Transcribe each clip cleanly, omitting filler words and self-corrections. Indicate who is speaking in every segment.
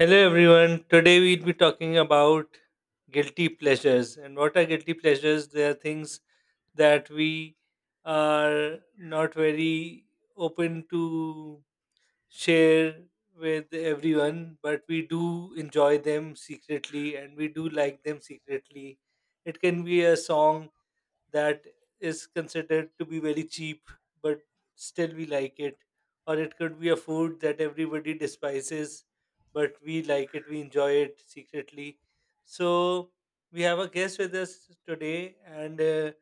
Speaker 1: Hello everyone. Today we'll be talking about guilty pleasures. And what are guilty pleasures? They are things that we are not very open to share with everyone, but we do enjoy them secretly and we do like them secretly. It can be a song that is considered to be very cheap, but still we like it. Or it could be a food that everybody despises, but we like it, we enjoy it secretly. So we have a guest with us today, and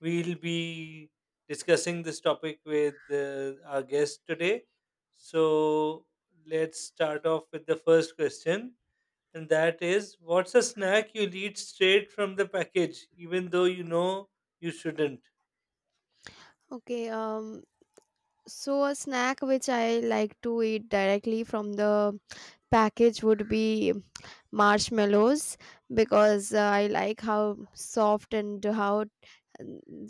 Speaker 1: we'll be discussing this topic with our guest today. So let's start off with the first question, and that is, what's a snack you'll eat straight from the package, even though you know you shouldn't?
Speaker 2: Okay, so a snack which I like to eat directly from the package would be marshmallows, because I like how soft and how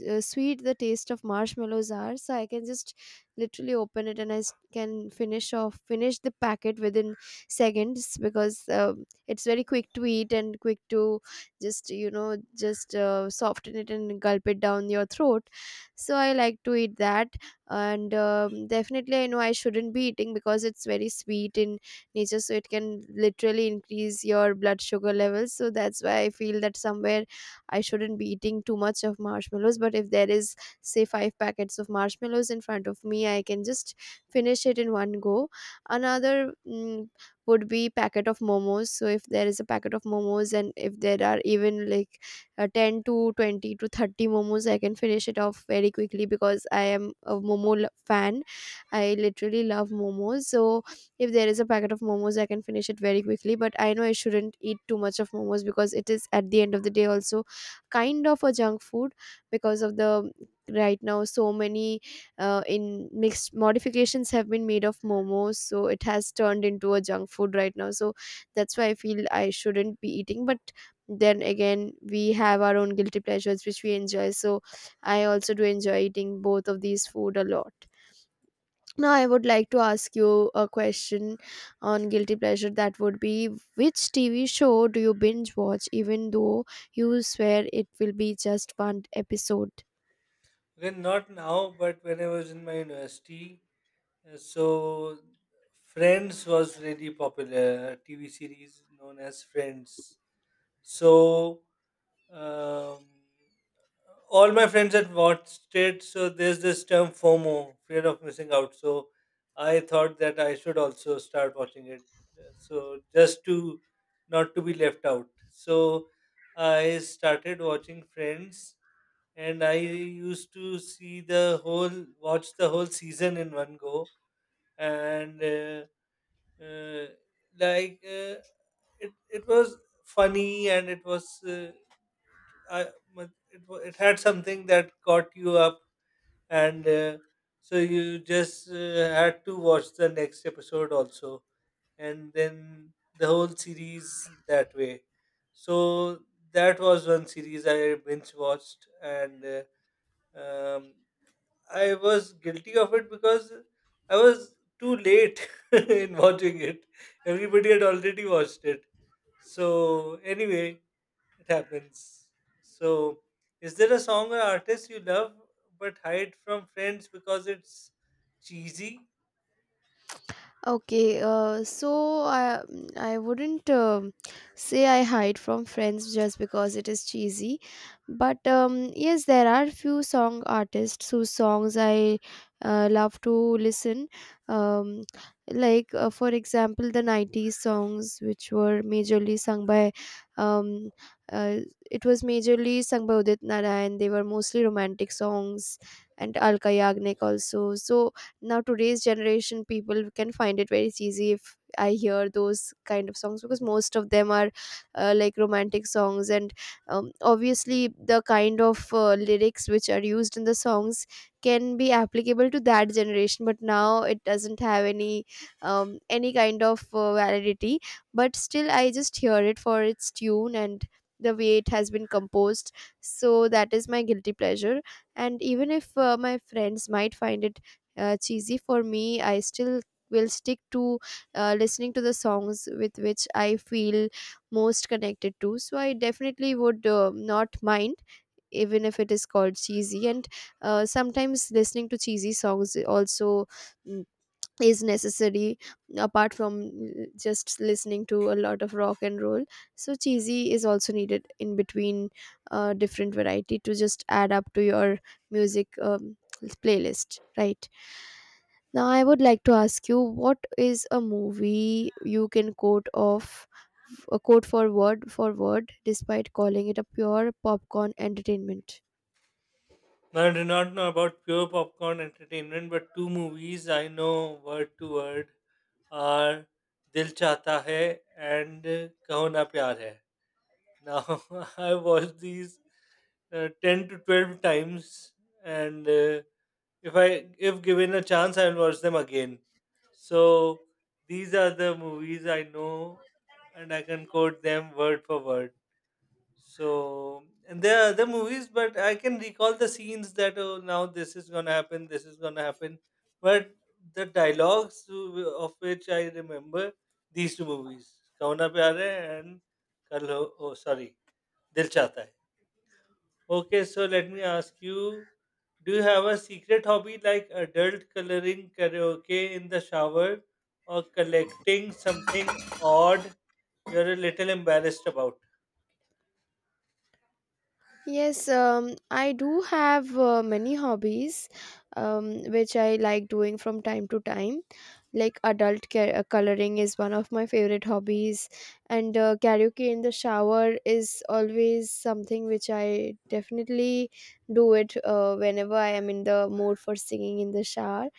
Speaker 2: sweet the taste of marshmallows are. So I can just literally open it, and can finish the packet within seconds, because it's very quick to eat and quick to just soften it and gulp it down your throat. So I like to eat that, and definitely I know I shouldn't be eating, because it's very sweet in nature, so it can literally increase your blood sugar levels. So that's why I feel that somewhere I shouldn't be eating too much of marshmallows, but if there is, say, five packets of marshmallows in front of me, I can just finish it in one go. Another would be packet of momos. So if there is a packet of momos, and if there are even like 10 to 20 to 30 momos, I can finish it off very quickly, because I am a momo fan. I literally love momos, so if there is a packet of momos, I can finish it very quickly. But I know I shouldn't eat too much of momos, because it is, at the end of the day, also kind of a junk food, because of the, right now, so many in mixed modifications have been made of momos, so it has turned into a junk food right now. So that's why I feel I shouldn't be eating, but then again, we have our own guilty pleasures which we enjoy, so I also do enjoy eating both of these food a lot. Now I would like to ask you a question on guilty pleasure. That would be, which TV show do you binge watch even though you swear it will be just one episode?
Speaker 1: Well, not now, but when I was in my university, uh, so Friends was really popular, a TV series known as Friends. So Um, all my friends had watched it, so there's this term FOMO, fear of missing out. So I thought that I should also start watching it, so just to not to be left out. So I started watching Friends, and I used to watch the whole season in one go, and. Uh, uh, like uh, it it was funny, and it was I, but it had something that caught you up, and so you just had to watch the next episode also, and then the whole series that way. So that was one series I binge watched. And um, I was guilty of it because I was too late in watching it. Everybody had already watched it. So anyway, it happens. So is there a song or artist you love but hide from friends because it's cheesy?
Speaker 2: Okay, so I wouldn't say I hide from friends just because it is cheesy, but yes, there are few song artists whose songs I love to listen. Um, like for example, the '90s songs, which were majorly sung by, um, uh, it was majorly sung by Udit Narayan. They were mostly romantic songs, and Alka Yagnik also. So now today's generation people can find it very easy if I hear those kind of songs, because most of them are like romantic songs, and obviously the kind of lyrics which are used in the songs can be applicable to that generation, but now it doesn't have any kind of validity. But still I just hear it for its tune and the way it has been composed. So that is my guilty pleasure, and even if my friends might find it cheesy, for me I still will stick to listening to the songs with which I feel most connected to. So I definitely would not mind even if it is called cheesy. And sometimes listening to cheesy songs also mm, is necessary, apart from just listening to a lot of rock and roll. So cheesy is also needed in between, different variety to just add up to your music playlist. Right now, I would like to ask you, what is a movie you can quote off, a quote for word, despite calling it a pure popcorn entertainment?
Speaker 1: Now, I do not know about pure popcorn entertainment, but two movies I know word to word are Dil Chahta Hai and Kaho Na Pyar Hai. Now I watched these 10 to 12 times, and if given a chance I'll watch them again. So these are the movies I know, and I can quote them word for word. So, and there are other movies, but I can recall the scenes that, oh, now this is gonna happen, this is gonna happen. But the of which I remember these two movies, Kauna Pyare and Kal Ho, oh sorry, दिल चाहता है। Okay, so let me ask you, do you have a secret hobby like adult coloring, karaoke in the shower, or collecting something odd you're a little embarrassed about?
Speaker 2: Yes, I do have many hobbies, which I like doing from time to time. Like adult coloring is one of my favorite hobbies, and karaoke in the shower is always something which I definitely do it whenever I am in the mood for singing in the shower.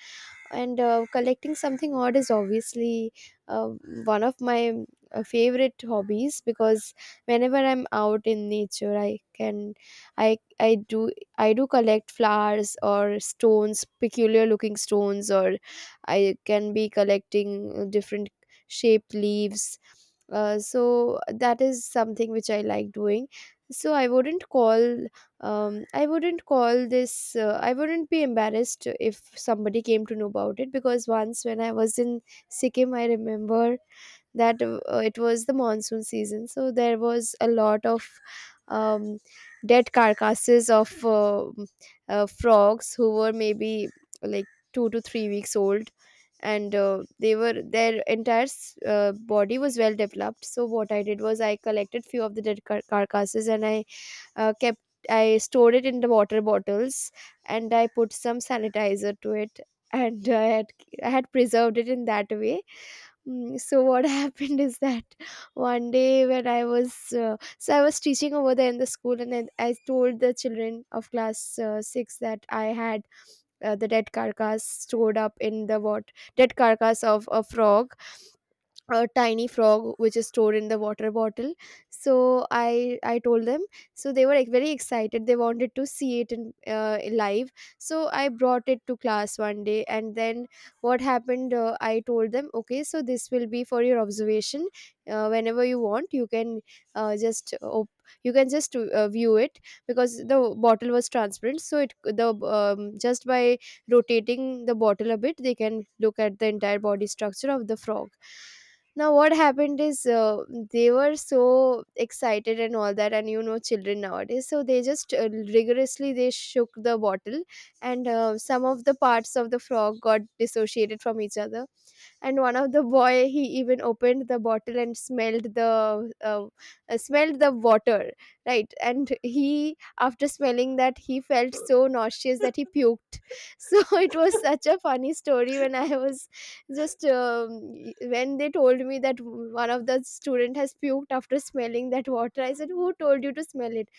Speaker 2: And collecting something odd is obviously uh, one of my favorite hobbies, because whenever I'm out in nature, I can I I do I do collect flowers, or stones, peculiar looking stones, or I can be collecting different shaped leaves. So that is something which I like doing. So I wouldn't be embarrassed if somebody came to know about it, because once when I was in Sikkim, I remember that it was the monsoon season. So there was a lot of um, dead carcasses of frogs who were maybe like 2 to 3 weeks old, and they were their entire body was well developed. So what I did was, I collected few of the dead carcasses, and uh, kept I stored it in the water bottles, and I put some sanitizer to it and I had preserved it in that way. So what happened is that, one day when I was so I was teaching over there in the school, and then I told the children of class 6 that I had the dead carcass stored up in the, what, dead carcass of a frog, a tiny frog which is stored in the water bottle. So I told them. So they were like very excited, they wanted to see it in live. So I brought it to class one day, and then what happened, I told them, okay, so this will be for your observation. Whenever you want, you can just op- you can just view it, because the bottle was transparent, so it the just by rotating the bottle a bit, they can look at the entire body structure of the frog. Now what happened is, they were so excited and all that. And you know, children nowadays, so they just rigorously, they shook the bottle, and some of the parts of the frog got dissociated from each other, and one of the boy, he even opened the bottle and smelled the water right? And he, after smelling that, he felt so nauseous that he puked. So it was such a funny story. When I was just y- When they told me that one of the student has puked after smelling that water, I said, who told you to smell it?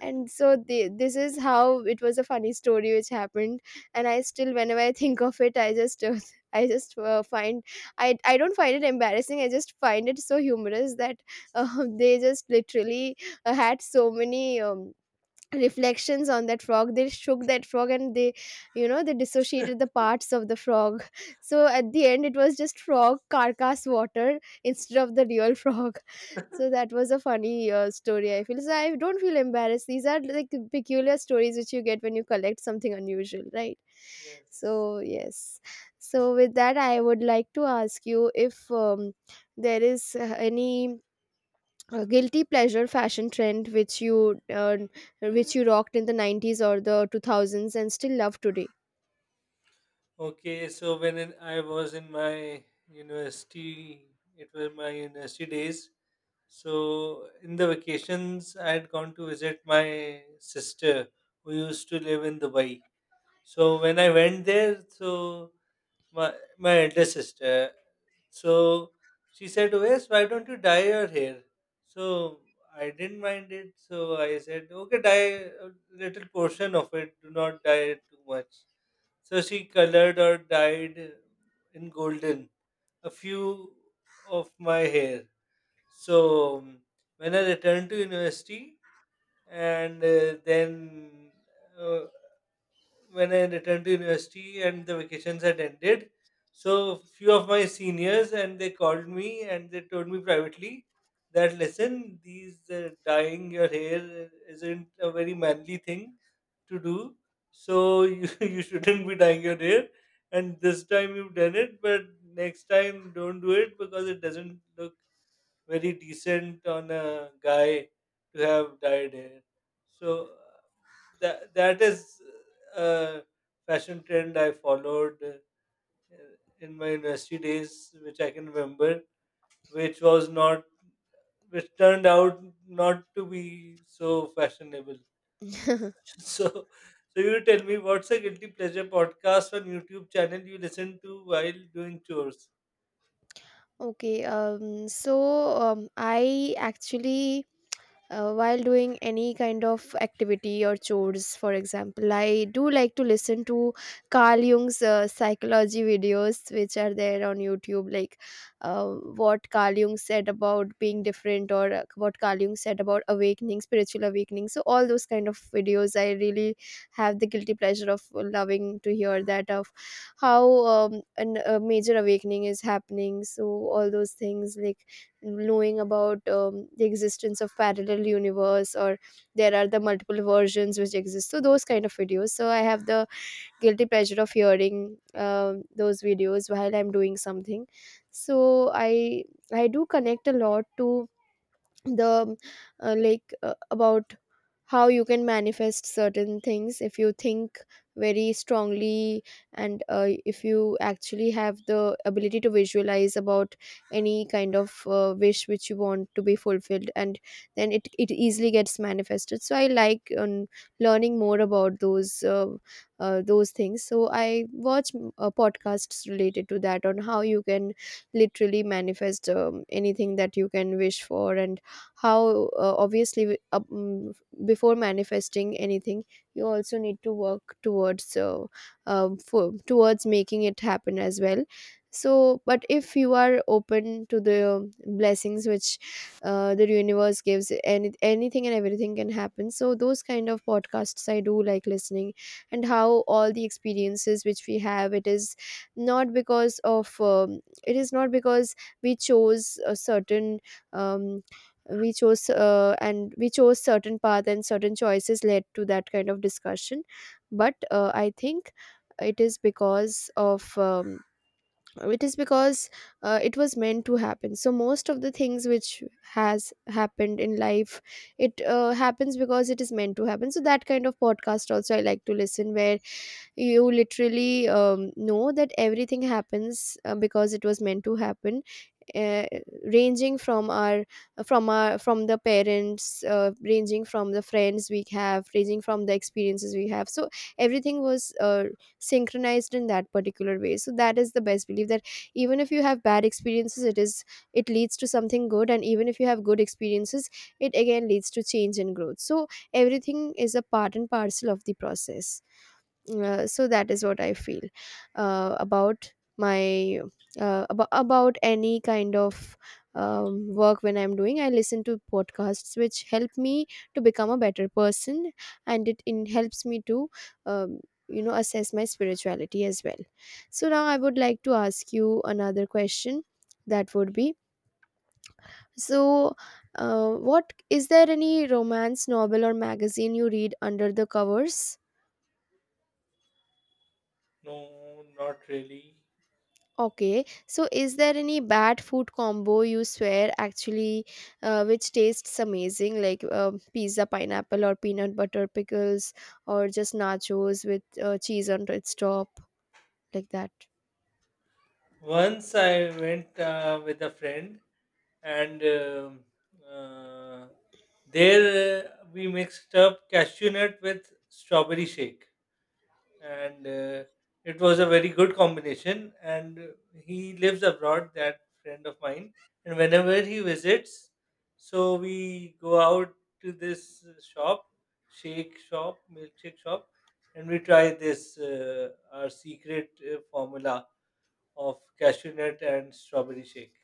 Speaker 2: And so this is how it was a funny story which happened. And I still, whenever I think of it, I just i just uh, find I don't find it embarrassing. I just find it so humorous that they just literally had so many reflections on that frog. They shook that frog, and they you know they dissociated the parts of the frog. So at the end, it was just frog carcass water instead of the real frog. So that was a funny story, I feel. So I don't feel embarrassed. These are like peculiar stories which you get when you collect something unusual, right?
Speaker 1: Yes.
Speaker 2: So yes, so with that, I would like to ask you, if there is any a guilty pleasure fashion trend which you rocked in the '90s or the 2000s and still love today.
Speaker 1: Okay, so I was in my university, it was my university days. So in the vacations, I had gone to visit my sister who used to live in Dubai. So when I went there, so my my elder sister. So she said, "Wes, why don't you dye your hair?" So I didn't mind it. So I said, okay, dye a little portion of it. Do not dye it too much. So she colored or dyed in golden a few of my hair. So when I returned to university, and then uh, when I returned to university and the vacations had ended, so few of my seniors, and they called me and they told me privately that, listen, these dyeing your hair isn't a very manly thing to do, so you, you shouldn't be dyeing your hair. And this time you've done it, but next time don't do it, because it doesn't look very decent on a guy to have dyed hair. So that is a fashion trend I followed in my university days, which I can remember, which was not, which turned out not to be so fashionable. So, so you tell me, what's a guilty pleasure podcast on YouTube channel you listen to while doing chores?
Speaker 2: Okay, so I actually while doing any kind of activity or chores, for example, I do like to listen to Carl Jung's psychology videos which are there on YouTube. Like uh, what Carl Jung said about being different, or what Carl Jung said about awakening, spiritual awakening. So all those kind of videos, I really have the guilty pleasure of loving to hear that, of how a major awakening is happening. So all those things, like knowing about the existence of parallel universe, or there are the multiple versions which exist, so those kind of videos, so I have the guilty pleasure of hearing those videos while I'm doing something. So I do connect a lot to the like about how you can manifest certain things if you think very strongly. And if you actually have the ability to visualize about any kind of wish which you want to be fulfilled, and then it easily gets manifested. So I like learning more about those things. So I watch podcasts related to that, on how you can literally manifest anything that you can wish for, and how obviously before manifesting anything, you also need to work towards making it happen as well. So but if you are open to the blessings which the universe gives, anything and everything can happen, so those kind of podcasts I do like listening. And how all the experiences which we have, it is not because we chose um, certain path, and certain choices led to that kind of discussion. But I think it is because of it is because it was meant to happen. So most of the things which has happened in life, it happens because it is meant to happen. So that kind of podcast also I like to listen where you literally know that everything happens because it was meant to happen. uh, Ranging from our from the parents, ranging from the friends we have, ranging from the experiences we have. So everything was synchronized in that particular way. So that is the best belief that even if you have bad experiences, it leads to something good, and even if you have good experiences, it again leads to change and growth. So everything is a part and parcel of the process. So that is what I feel about my about any kind of work. When I'm doing, I listen to podcasts which help me to become a better person, and it in helps me to um, assess my spirituality as well. So now I would like to ask you another question. That would be, so what, is there any romance novel or magazine you read under the covers?
Speaker 1: No, not really.
Speaker 2: Okay, so is there any bad food combo you swear actually, which tastes amazing, like pizza pineapple or peanut butter pickles, or just nachos with cheese on its top, like that?
Speaker 1: Once I went with a friend, and uh, there we mixed up cashew nut with strawberry shake, and it was a very good combination. And he lives abroad, that friend of mine, and whenever he visits, so we go out to this shake shop, milkshake shop, and we try this our secret formula of cashew nut and strawberry shake.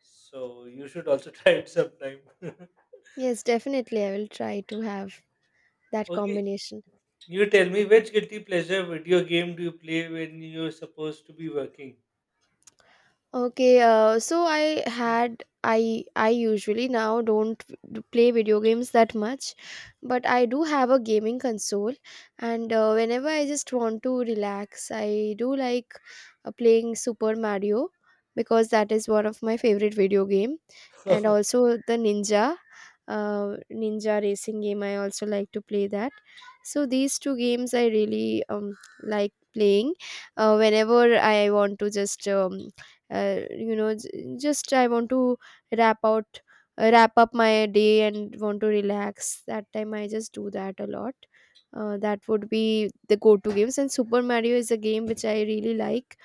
Speaker 1: So you should also try it sometime.
Speaker 2: Yes, definitely I will try to have that
Speaker 1: Okay,
Speaker 2: combination.
Speaker 1: you tell me, which guilty pleasure video game do you play when you're supposed to be working?
Speaker 2: Okay, so I had I usually now don't play video games that much, but I do have a gaming console, and whenever I just want to relax, I do like playing Super Mario, because that is one of my favorite video game, and
Speaker 1: Yeah,
Speaker 2: also the Ninja, Ninja racing game. I also like to play that. So these two games I really like playing whenever I want to just I want to wrap out wrap up my day and want to relax. That time I just do that a lot. That would be the go-to games. And Super Mario is a game which I really like,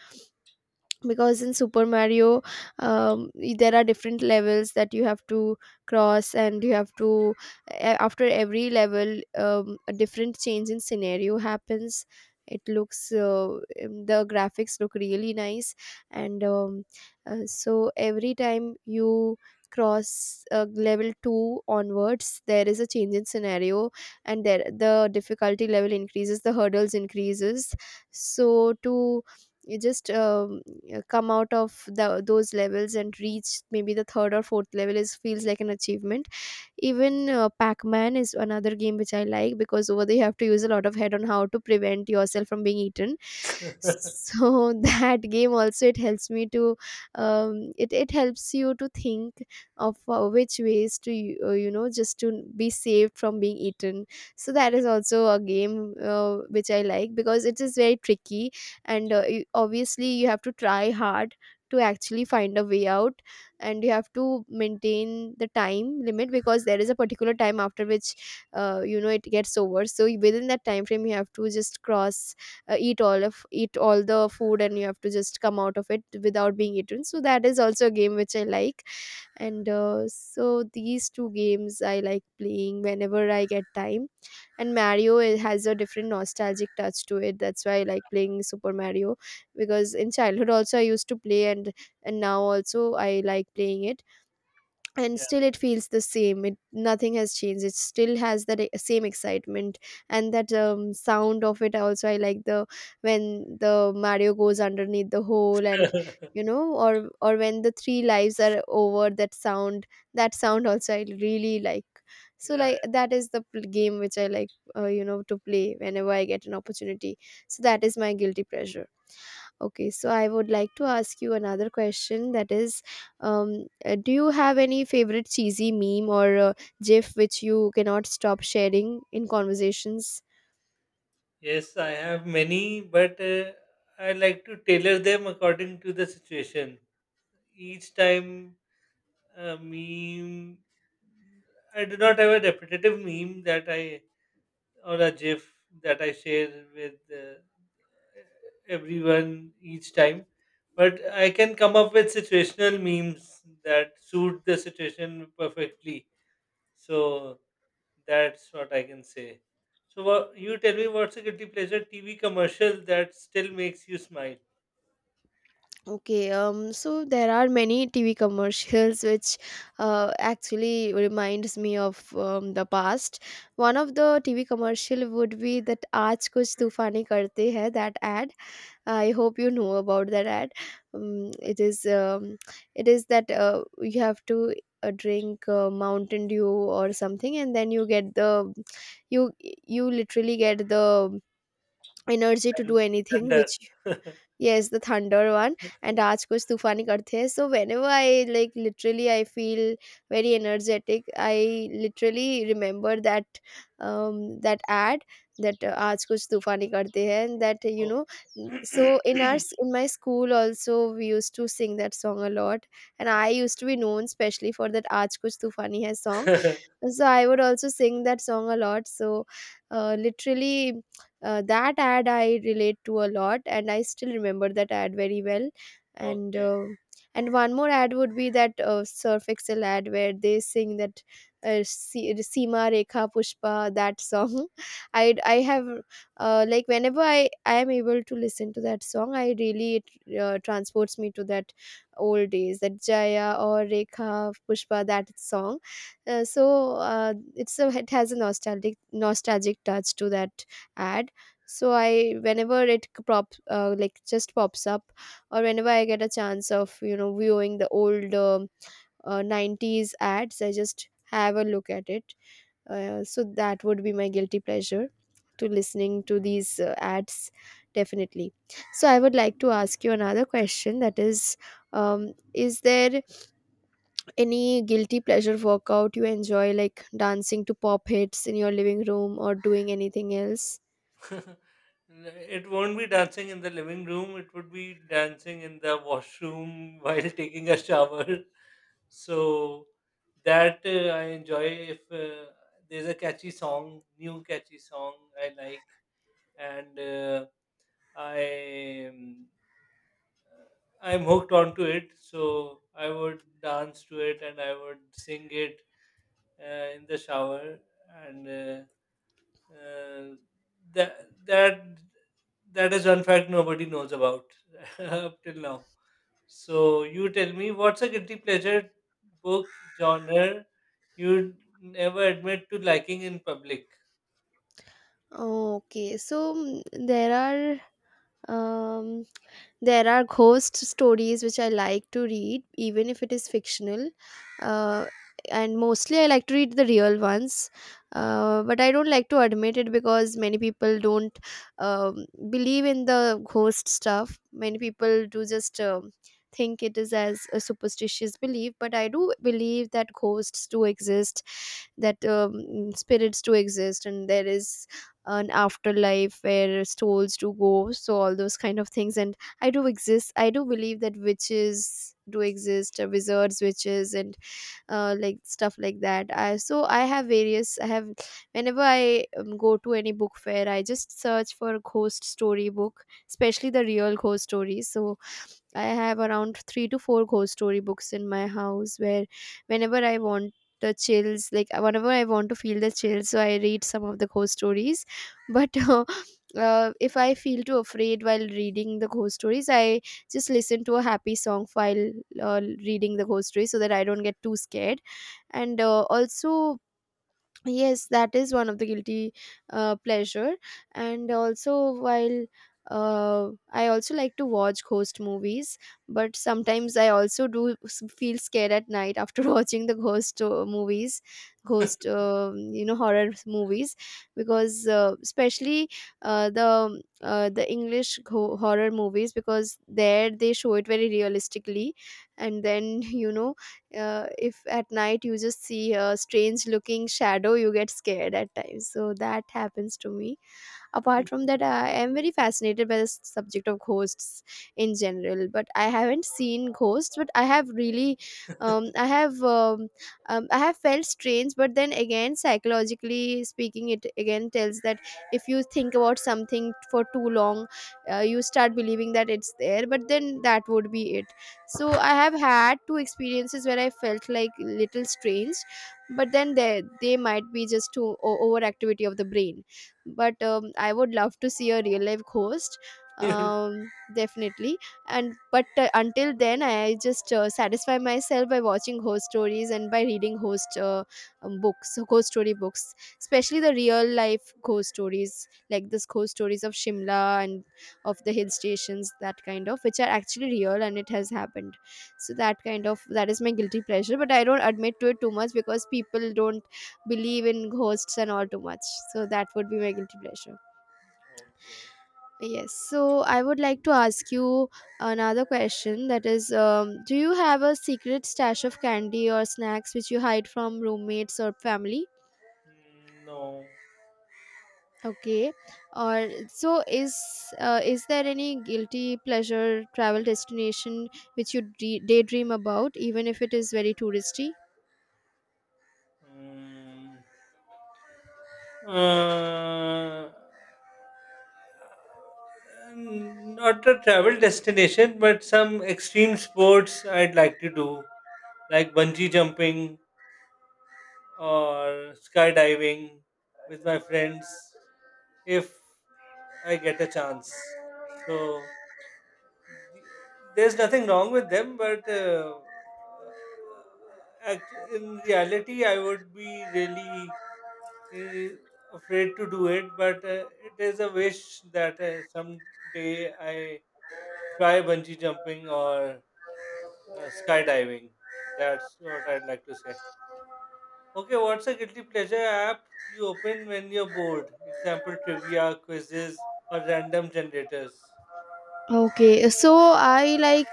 Speaker 2: because in Super Mario, there are different levels that you have to cross, and you have to, after every level, a different change in scenario happens. It looks the graphics look really nice, and so every time you cross level 2 onwards, there is a change in scenario, and there the difficulty level increases, the hurdles increases. So to, you just come out of those levels and reach maybe the third or fourth level, is feels like an achievement. Even Pac-Man is another game which I like, because over there you have to use a lot of head on how to prevent yourself from being eaten. So that game also, it helps me to it helps you to think of which ways to just to be saved from being eaten. So that is also a game which I like, because it is very tricky, and you, obviously you have to try hard to actually find a way out, and you have to maintain the time limit, because there is a particular time after which, it gets over. So within that time frame you have to just cross, eat all the food, and you have to just come out of it without being eaten. So that is also a game which I like. And so these two games I like playing whenever I get time. And Mario, it has a different nostalgic touch to it, that's why I like playing Super Mario, because in childhood also I used to play, and now also I like playing it, and
Speaker 1: yeah.
Speaker 2: still it feels the same, it nothing has changed, it still has that same excitement. And that sound of it also I like, the when the Mario goes underneath the hole, and you know, or when the three lives are over, that sound, that sound also I really like. So
Speaker 1: Yeah.
Speaker 2: like that is the game which I like, to play whenever I get an opportunity. So that is my guilty pleasure. Okay, so I would like to ask you another question, that is, do you have any favorite cheesy meme or GIF which you cannot stop sharing in conversations?
Speaker 1: Yes, I have many, but I like to tailor them according to the situation. Each time a meme, I do not have a repetitive meme that I, or a GIF that I share with everyone each time, but I can come up with situational memes that suit the situation perfectly. So that's what I can say. So what, you tell me, what's a guilty pleasure TV commercial that still makes you smile
Speaker 2: Okay, so there are many TV commercials which actually reminds me of the past. One of the TV commercial would be that "Aaj kuch tufani karte hai", that ad. I hope you know about that ad. Um, it is um, it is that, you have to drink Mountain Dew or something, and then you get the, you literally get the energy to do
Speaker 1: and
Speaker 2: anything
Speaker 1: wonder?
Speaker 2: which, yes, the thunder one, and aaj kuch tufani karte hai. So whenever I, like, literally I feel very energetic. I literally remember that that ad, that aaj kuch tufani karte hai, and that, you
Speaker 1: Oh.
Speaker 2: know, so in my school also we used to sing that song a lot, and I used to be known specially for that aaj kuch tufani hai song. So I would also sing that song a lot. So literally, that ad I relate to a lot, and I still remember that ad very well. And
Speaker 1: Okay.
Speaker 2: and one more ad would be that Surf Excel ad where they sing that, uh, seema rekha pushpa, that song. I have, like whenever I am able to listen to that song, I really, it transports me to that old days, that jaya or rekha pushpa, that song. It's a, it has a nostalgic, nostalgic touch to that ad. So I, whenever it c- prop like just pops up, or whenever I get a chance of, you know, viewing the old 90s ads, I just have a look at it. So that would be my guilty pleasure, to listening to these ads, definitely. So I would like to ask you another question, that is, is there any guilty pleasure workout you enjoy, like dancing to pop hits in your living room or doing anything else?
Speaker 1: It won't be dancing in the living room, it would be dancing in the washroom while taking a shower. So that I enjoy. If there's a catchy song, new catchy song I like, and I um, uh, I'm hooked onto it. So I would dance to it and I would sing it in the shower and. uh, that that that is one fact nobody knows about up till now. So you tell me, what's a guilty pleasure book genre you'd never admit to liking in public?
Speaker 2: Oh, okay. So mm, there are. Um, There are ghost stories which I like to read, even if it is fictional. Uh, and mostly I like to read the real ones, but I don't like to admit it because many people don't believe in the ghost stuff. Many people do just think it is as a superstitious belief, but I do believe that ghosts do exist, that spirits do exist, and there is an afterlife where souls do go. So all those kind of things, and I do exist, I do believe that witches do exist, wizards, witches, and like stuff like that. I, so I have various I have Whenever I go to any book fair, I just search for ghost story book, especially the real ghost stories. So I have around 3 to 4 ghost story books in my house, where whenever I want the chills, like whenever I want to feel the chills, so I read some of the ghost stories. But if I feel too afraid while reading the ghost stories, I just listen to a happy song while reading the ghost story, so that I don't get too scared. And also, yes, that is one of the guilty pleasure. And also, while I also like to watch ghost movies, but sometimes I also do feel scared at night after watching the ghost movies, ghost, horror movies, because especially the English horror movies, because there they show it very realistically, and then you know, if at night you just see a strange looking shadow, you get scared at times. So that happens to me. Apart from that, I am very fascinated by the subject of ghosts in general. But I haven't seen ghosts, but I have really, um, I have, um, I have felt strange. But then again, psychologically speaking, it again tells that if you think about something for too long, you start believing that it's there. But then that would be it. So I have had two experiences where I felt like little strange, but then they might be just overactivity of the brain, but I would love to see a real life ghost, um, definitely. And but Until then I just satisfy myself by watching ghost stories and by reading ghost books, ghost story books, especially the real life ghost stories like this ghost stories of Shimla and of the hill stations, that kind of which are actually real and it has happened. So that kind of, that is my guilty pleasure, but I don't admit to it too much because people don't believe in ghosts and all too much. So that would be my guilty pleasure. Yes. So I would like to ask you another question, that is, do you have a secret stash of candy or snacks which you hide from roommates or family?
Speaker 1: Mm, no.
Speaker 2: Okay. Or so is, is there any guilty pleasure travel destination which you daydream about, even if it is very touristy?
Speaker 1: Mm. Uh, Not a travel destination, but some extreme sports I'd like to do, like bungee jumping or skydiving with my friends if I get a chance. So the- there's nothing wrong with them, but uh, in reality, I would be really afraid to do it. But it is a wish that someday I try bungee jumping or skydiving. That's what I'd like to say. Okay, what's a guilty pleasure app you open when you're bored? Example, trivia, quizzes, or random generators.
Speaker 2: Okay, so I like,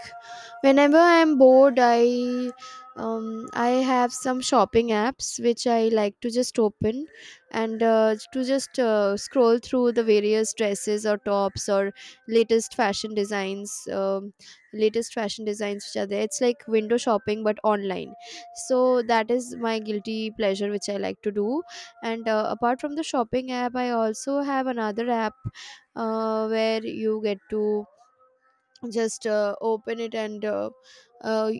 Speaker 2: whenever I'm bored, I have some shopping apps which I like to just open and to just scroll through the various dresses or tops or latest fashion designs, um, latest fashion designs which are there. It's like window shopping but online. So that is my guilty pleasure which I like to do. And Apart from the shopping app, I also have another app where you get to just open it, and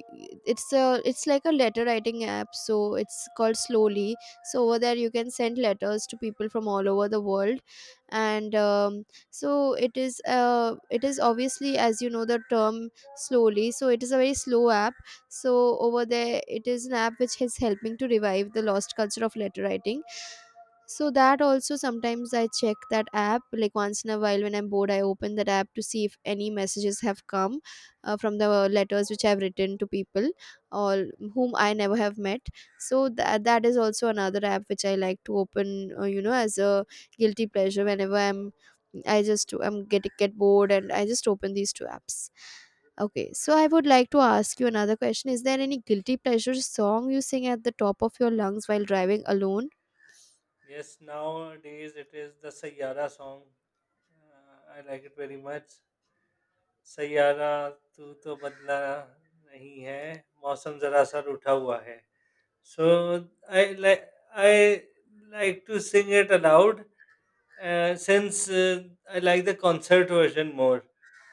Speaker 2: it's a it's like a letter writing app, so it's called Slowly. So over there you can send letters to people from all over the world, and so it is, it is obviously, as you know, the term slowly, so it is a very slow app. So over there, it is an app which is helping to revive the lost culture of letter writing. So that also, sometimes I check that app like once in a while. When I'm bored, I open that app to see if any messages have come from the letters which I've written to people, or whom I never have met. So that is also another app which I like to open, you know, as a guilty pleasure, whenever I'm, I just, I'm get bored and I just open these two apps. Okay, so I would like to ask you another question. Is there any guilty pleasure song you sing at the top of your lungs while driving alone?
Speaker 1: Yes, nowadays it is the Sayara song. I like it very much. Saiyaara तू तो बदला नहीं है मौसम जरा सा रूठा हुआ है so I like I like to sing it aloud since I like the concert version more,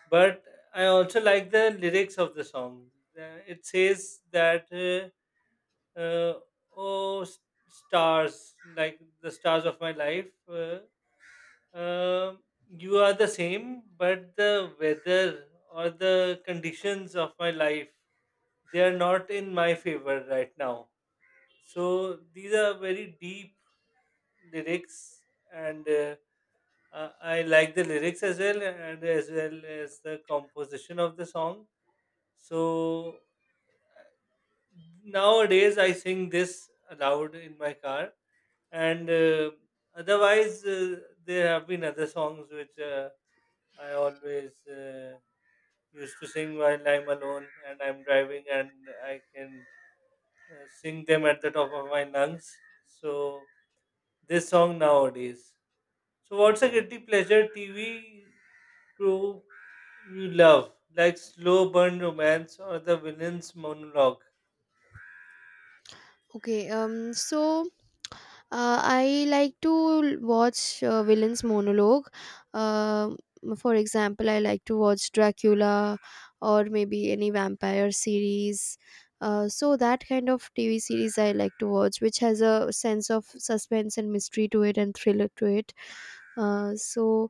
Speaker 1: but I also like the lyrics of the song. It says that, uh, "Oh, stars, like the stars of my life, uh, um you are the same, but the weather or the conditions of my life, they are not in my favor right now." So these are very deep lyrics, and I like the lyrics as well, and as well as the composition of the song. So nowadays I sing this aloud in my car, and otherwise there have been other songs which I always used to sing while I'm alone and I'm driving, and I can sing them at the top of my lungs. So this song nowadays. So, what's a guilty pleasure TV group you love, like Slow Burn Romance or The Villain's Monologue?
Speaker 2: Okay, so I like to watch villains monologue. Um for example, I like to watch Dracula, or maybe any vampire series. So that kind of TV series I like to watch, which has a sense of suspense and mystery to it, and thriller to it. Uh, so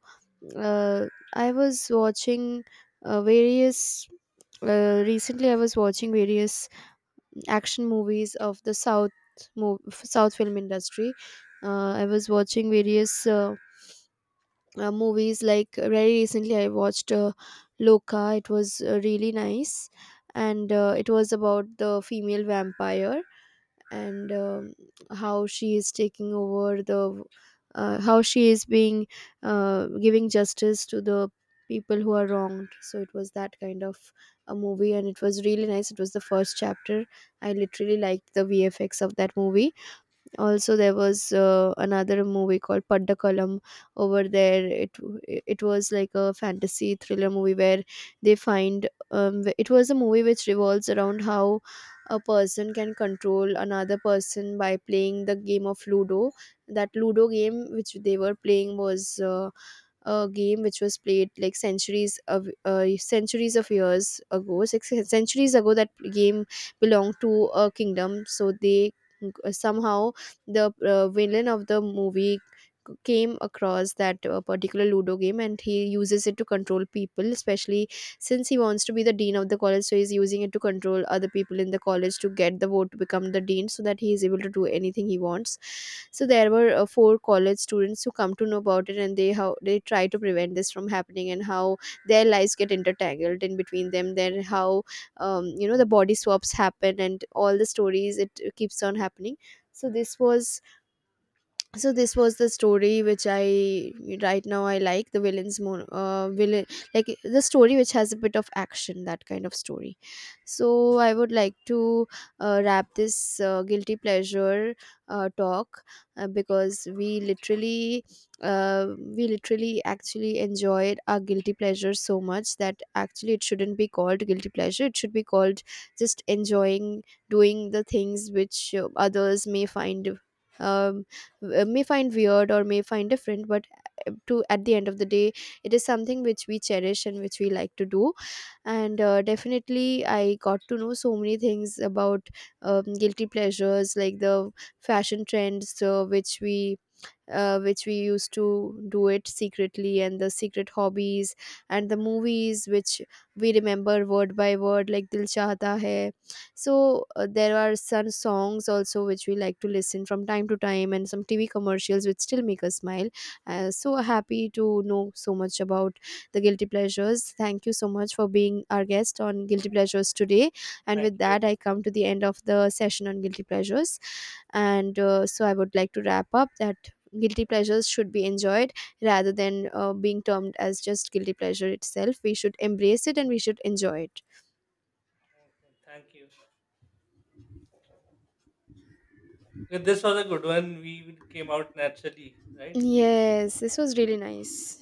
Speaker 2: uh, I was watching various recently, I was watching various action movies of the South, South film industry. I was watching various movies, like very recently I watched, Loka. It was really nice, and it was about the female vampire, and how she is taking over the, how she is being, giving justice to the people who are wronged. So it was that kind of a movie, and it was really nice. It was the first chapter. I literally liked the VFX of that movie. Also, there was, another movie called Paddakulam. Over there, it was like a fantasy thriller movie where they find, it was a movie which revolves around how a person can control another person by playing the game of Ludo. That Ludo game which they were playing was, a game which was played like centuries of years ago, six centuries ago. That game belonged to a kingdom. So they, somehow the villain of the movie came across that, particular Ludo game, and he uses it to control people, especially since he wants to be the dean of the college, so he's using it to control other people in the college to get the vote to become the dean, so that he is able to do anything he wants. So there were, four college students who come to know about it, and they, how they try to prevent this from happening, and how their lives get intertangled in between them, then how, you know, the body swaps happen and all the stories, it keeps on happening. so this was so this was the story which I, right now, I like the villains more, villain like the story which has a bit of action, that kind of story. So I would like to wrap this, guilty pleasure talk, because we literally, uh, we literally actually enjoyed our guilty pleasure so much that actually it shouldn't be called guilty pleasure, it should be called just enjoying doing the things which, others may find, um, may find weird or may find different. But to, at the end of the day, it is something which we cherish and which we like to do. And definitely I got to know so many things about, guilty pleasures, like the fashion trends, which we used to do it secretly, and the secret hobbies, and the movies which we remember word by word, like Dil Chahta Hai. So, there are some songs also which we like to listen from time to time, and some TV commercials which still make us smile. Uh, so happy to know so much about the guilty pleasures. Thank you so much for being our guest on Guilty Pleasures today, and
Speaker 1: Thank
Speaker 2: with
Speaker 1: you.
Speaker 2: that I come to the end of the session on guilty pleasures. And so I would like to wrap up that guilty pleasures should be enjoyed rather than being termed as just guilty pleasure itself. We should embrace it and we should enjoy it.
Speaker 1: Okay, thank you. Okay, this was a good one. We came out naturally, right?
Speaker 2: Yes, this was really nice.